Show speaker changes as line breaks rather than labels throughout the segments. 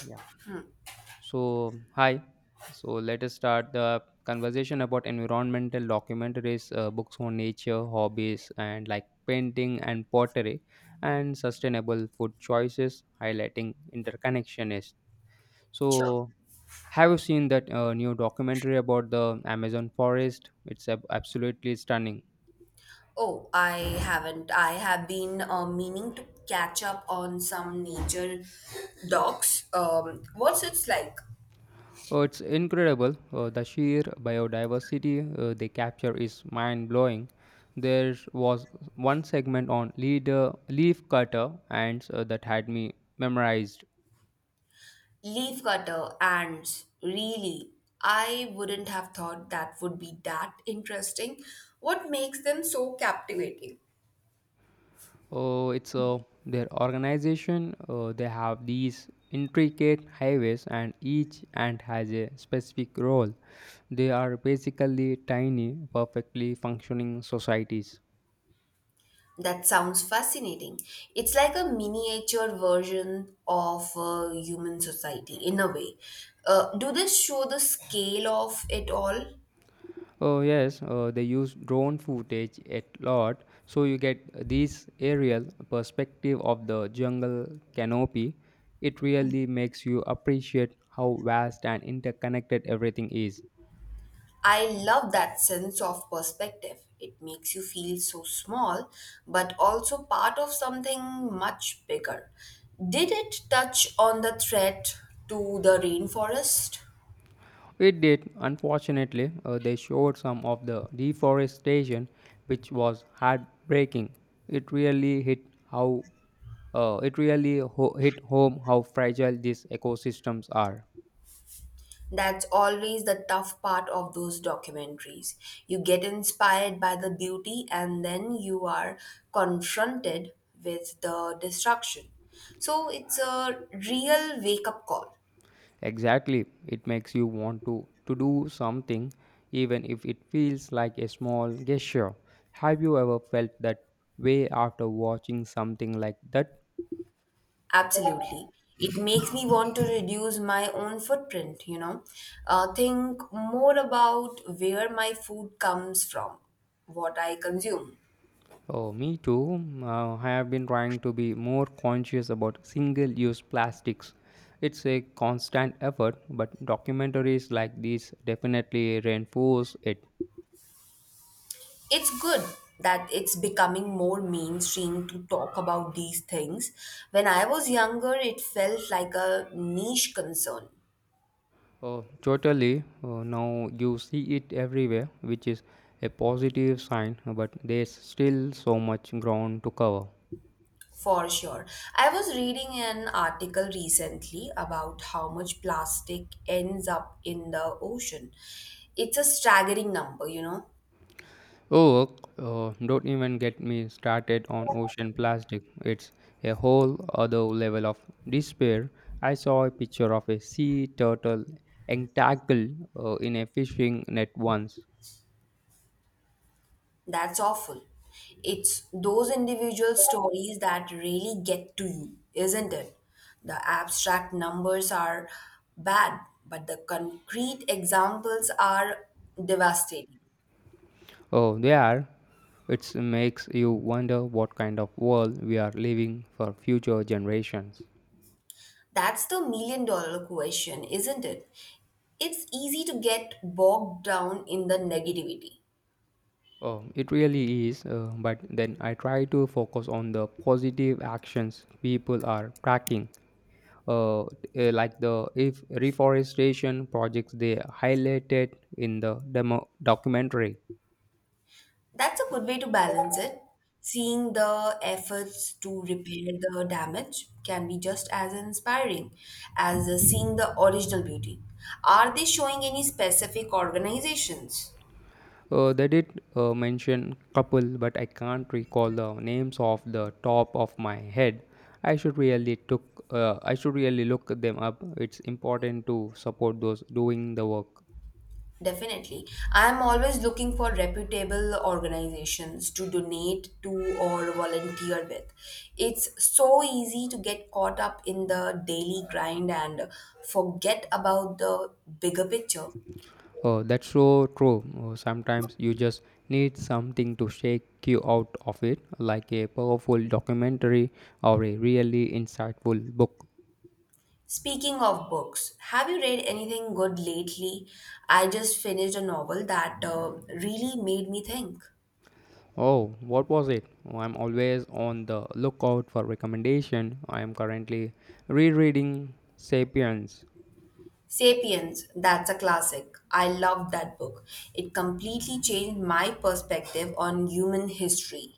Yeah. So, hi. So, let us start the conversation about environmental documentaries, books on nature, hobbies, and like painting and pottery, and sustainable food choices, highlighting interconnection is.
Sure.
So, have you seen that new documentary about the Amazon forest? It's absolutely stunning.
Oh, I haven't. I have been meaning to catch up on some nature docs. What's it's like?
Oh, it's incredible. The sheer biodiversity they capture is mind blowing. There was one segment on leaf cutter ants that had me memorized.
Leaf cutter ants. Really, I wouldn't have thought that would be that interesting. What makes them so captivating?
Oh, it's their organization. They have these intricate highways, and each ant has a specific role. They are basically tiny, perfectly functioning societies.
That sounds fascinating. It's like a miniature version of human society in a way. Do this show the scale of it all?
Oh yes, they use drone footage a lot, so you get this aerial perspective of the jungle canopy. It really makes you appreciate how vast and interconnected everything is.
I love that sense of perspective. It makes you feel so small, but also part of something much bigger. Did it touch on the threat to the rainforest?
It did, unfortunately, they showed some of the deforestation, which was heartbreaking. It really hit how it really hit home how fragile these ecosystems are.
That's always the tough part of those documentaries. You get inspired by the beauty, and then you are confronted with the destruction. So it's a real wake up call.
Exactly. It makes you want to do something even if it feels like a small gesture. Have you ever felt that way after watching something like that?
Absolutely. It makes me want to reduce my own footprint. Think more about where my food comes from, what I consume.
Oh, me too. I have been trying to be more conscious about single use plastics. It's a constant effort, but documentaries like these definitely reinforce it.
It's good that it's becoming more mainstream to talk about these things. When I was younger, it felt like a niche concern.
Totally. Now you see it everywhere, which is a positive sign, but there's still so much ground to cover.
For sure. I was reading an article recently about how much plastic ends up in the ocean. It's a staggering number.
Oh, don't even get me started on ocean plastic. It's a whole other level of despair. I saw a picture of a sea turtle entangled in a fishing net once.
That's awful. It's those individual stories that really get to you, isn't it? The abstract numbers are bad, but the concrete examples are devastating.
Oh, there. It makes you wonder what kind of world we are leaving for future generations.
That's the million dollar question, isn't it? It's easy to get bogged down in the negativity.
Oh, it really is, but then I try to focus on the positive actions people are tracking, uh, like the if reforestation projects they highlighted in the demo documentary.
That's a good way to balance it. Seeing the efforts to repair the damage can be just as inspiring as seeing the original beauty. Are they showing any specific organizations?
They did mention couple, but I can't recall the names off the top of my head. I should really look them up. It's important to support those doing the work.
Definitely. I am always looking for reputable organizations to donate to or volunteer with. It's so easy to get caught up in the daily grind and forget about the bigger picture.
Oh, that's so true. Oh, sometimes you just need something to shake you out of it, like a powerful documentary or a really insightful book.
Speaking of books, have you read anything good lately? I just finished a novel that really made me think.
Oh, what was it? Oh, I'm always on the lookout for recommendation. I am currently rereading *Sapiens*.
Sapiens, that's a classic. I loved that book. It completely changed my perspective on human history.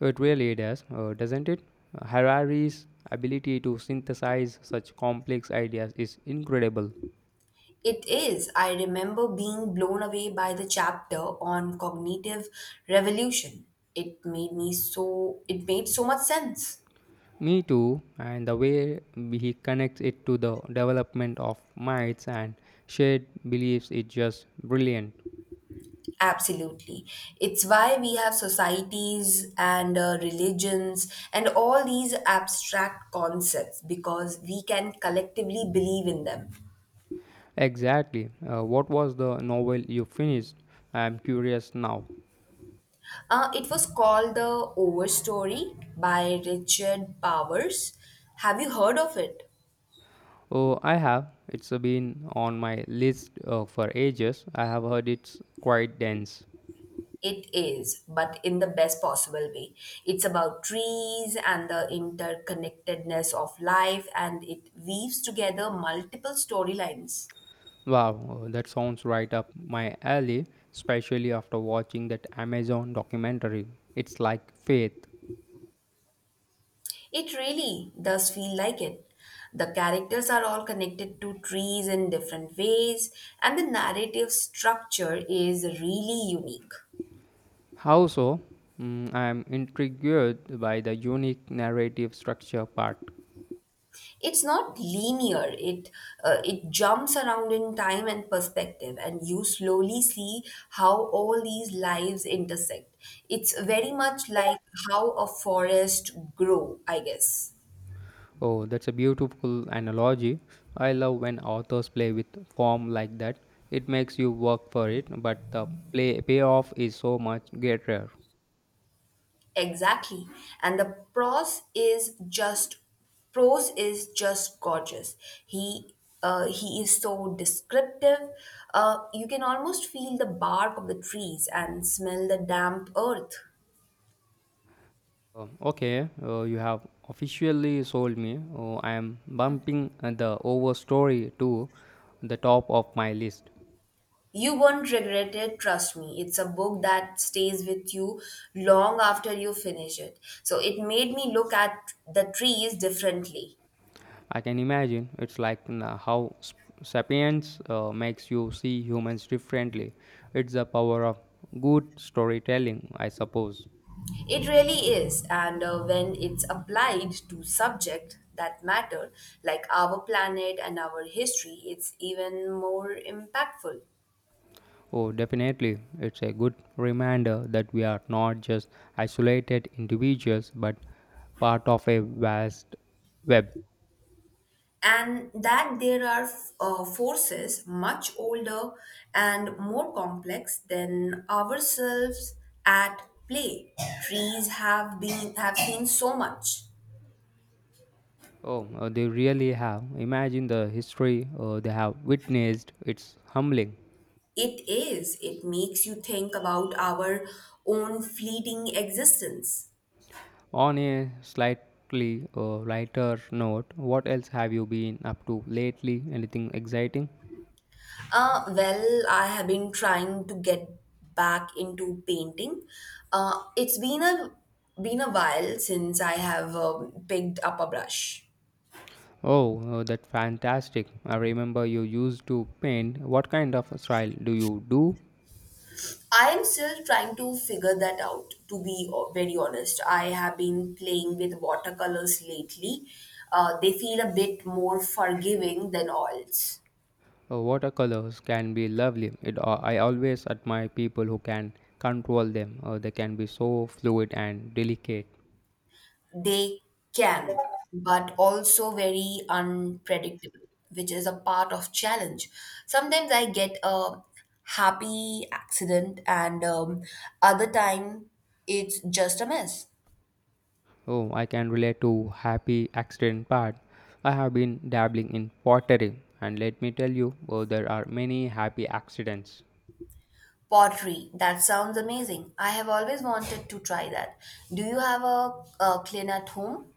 It really does, doesn't it? Harari's ability to synthesize such complex ideas is incredible.
It is, I remember being blown away by the chapter on cognitive revolution. It made so much sense.
Me too, and the way he connects it to the development of myths and shared beliefs is just brilliant.
Absolutely. It's why we have societies and religions and all these abstract concepts because we can collectively believe in them.
Exactly. What was the novel you finished? I am curious now.
It was called The Overstory by Richard Powers. Have you heard of it?
Oh, I have. It's been on my list for ages. I have heard it's quite dense.
It is, but in the best possible way. It's about trees and the interconnectedness of life, and it weaves together multiple storylines.
Wow, that sounds right up my alley, especially after watching that Amazon documentary. It's like faith.
It really does feel like it. The characters are all connected to trees in different ways, and the narrative structure is really unique.
How so? Mm, I am intrigued by the unique narrative structure part.
It's not linear. It jumps around in time and perspective, and you slowly see how all these lives intersect. It's very much like how a forest grow, I guess.
Oh, that's a beautiful analogy. I love when authors play with form like that. It makes you work for it, but the play payoff is so much greater.
Exactly. And the prose is just gorgeous. He he is so descriptive. You can almost feel the bark of the trees and smell the damp earth.
Okay, you have officially sold me. Oh, I am bumping the overstory to the top of my list.
You won't regret it, trust me. It's a book that stays with you long after you finish it. So it made me look at the trees differently.
I can imagine it's like how Sapiens makes you see humans differently. It's the power of good storytelling, I suppose.
It really is, and when it's applied to subject that matter, like our planet and our history, it's even more impactful.
Oh, definitely. It's a good reminder that we are not just isolated individuals but part of a vast web.
And that there are forces much older and more complex than ourselves at play. Trees have seen so much.
Oh, they really have. Imagine the history they have witnessed. It's humbling.
It is. It makes you think about our own fleeting existence.
On a slightly lighter note, what else have you been up to lately? Anything exciting?
Well, I have been trying to get back into painting. It's been a while since I have picked up a brush.
Oh, that's fantastic. I remember you used to paint. What kind of style do you do?
I am still trying to figure that out. To be very honest, I have been playing with watercolors lately. They feel a bit more forgiving than oils.
Watercolors can be lovely. I always admire people who can control them. They can be so fluid and delicate.
They can, but also very unpredictable, which is a part of challenge. Sometimes I get a happy accident, and other time it's just a mess.
Oh, I can relate to happy accident part. I have been dabbling in pottery, and let me tell you, oh, there are many happy accidents.
Pottery, that sounds amazing. I have always wanted to try that. Do you have a clean at home?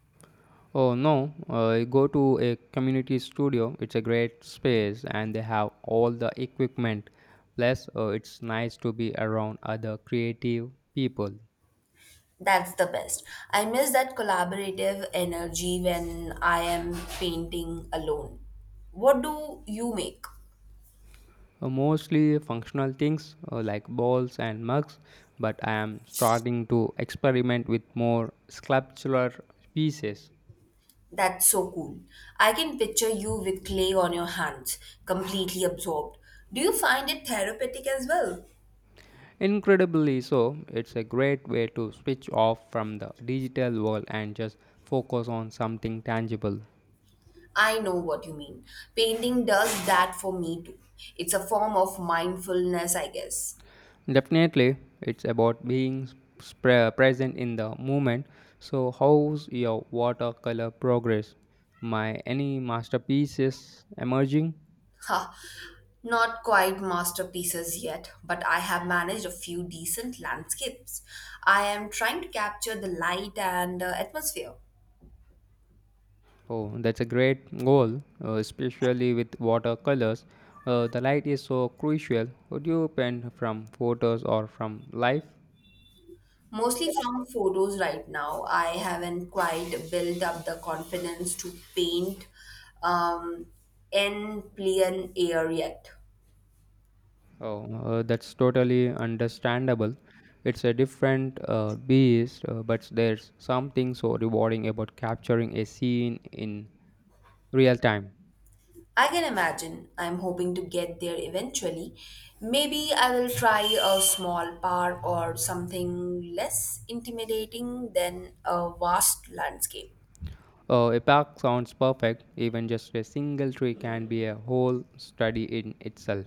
Oh no, go to a community studio. It's a great space and they have all the equipment. Plus, it's nice to be around other creative people.
That's the best. I miss that collaborative energy when I am painting alone. What do you make?
Mostly functional things like balls and mugs, but I am starting to experiment with more sculptural pieces.
That's so cool. I can picture you with clay on your hands, completely absorbed. Do you find it therapeutic as well?
Incredibly so, it's a great way to switch off from the digital world and just focus on something tangible.
I know what you mean. Painting does that for me too. It's a form of mindfulness, I guess.
Definitely, it's about being present in the moment. So, how's your watercolor progress? My any masterpieces emerging?
Ha, not quite masterpieces yet, but I have managed a few decent landscapes. I am trying to capture the light and atmosphere.
Oh, that's a great goal, especially with watercolors. The light is so crucial. Would you paint from photos or from life?
Mostly from photos right now. I haven't quite built up the confidence to paint um, in plain air yet.
Oh, that's totally understandable. It's a different beast, but there's something so rewarding about capturing a scene in real time.
I can imagine. I'm hoping to get there eventually. Maybe I will try a small park or something less intimidating than a vast landscape.
A park sounds perfect, even just a single tree can be a whole study in itself.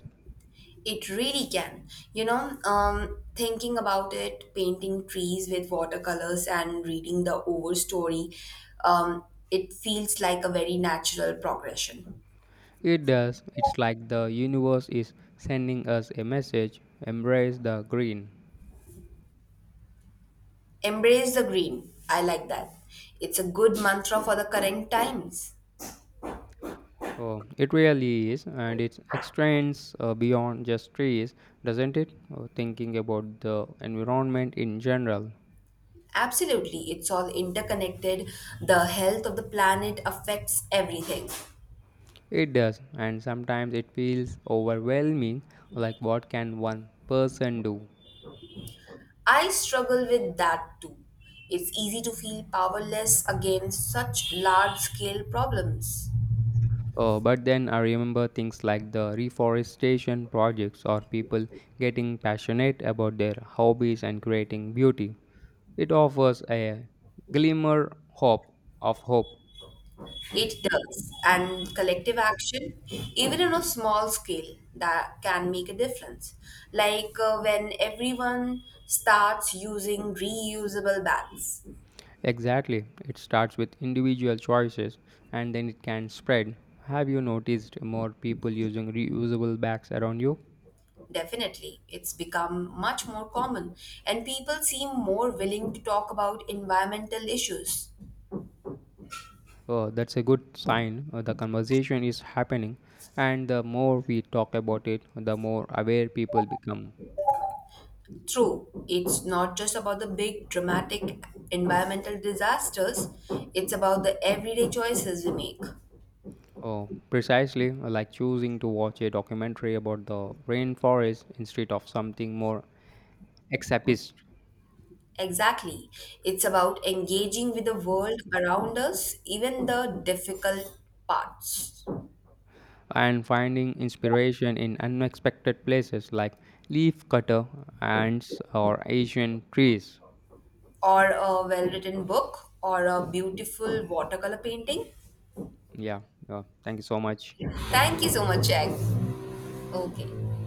It really can. Thinking about it, painting trees with watercolors and reading the overstory, um, it feels like a very natural progression.
It does, it's like the universe is sending us a message embrace the green.
Embrace the green. I like that. It's a good mantra for the current times.
Oh, it really is, and it extends beyond just trees, doesn't it? Thinking about the environment in general.
Absolutely, it's all interconnected. The health of the planet affects everything.
It does, and sometimes it feels overwhelming like what can one person do?
I struggle with that too. It's easy to feel powerless against such large scale problems.
Oh, but then I remember things like the reforestation projects or people getting passionate about their hobbies and creating beauty. It offers a glimmer hope of hope.
It does. And collective action, even on a small scale, that can make a difference. Like when everyone starts using reusable bags.
Exactly. It starts with individual choices and then it can spread. Have you noticed more people using reusable bags around you?
Definitely, it's become much more common, and people seem more willing to talk about environmental issues.
Oh, that's a good sign. The conversation is happening, and the more we talk about it, the more aware people become.
True, it's not just about the big dramatic environmental disasters, it's about the everyday choices we make.
Oh, precisely, like choosing to watch a documentary about the rainforest instead of something more escapist,
Exactly. It's about engaging with the world around us, even the difficult parts.
and finding inspiration in unexpected places like leaf cutter ants, or Asian trees.
Or a well written book, or a beautiful watercolor painting.
Yeah, yeah. Thank you so much.
Thank you so much, Jack. Okay.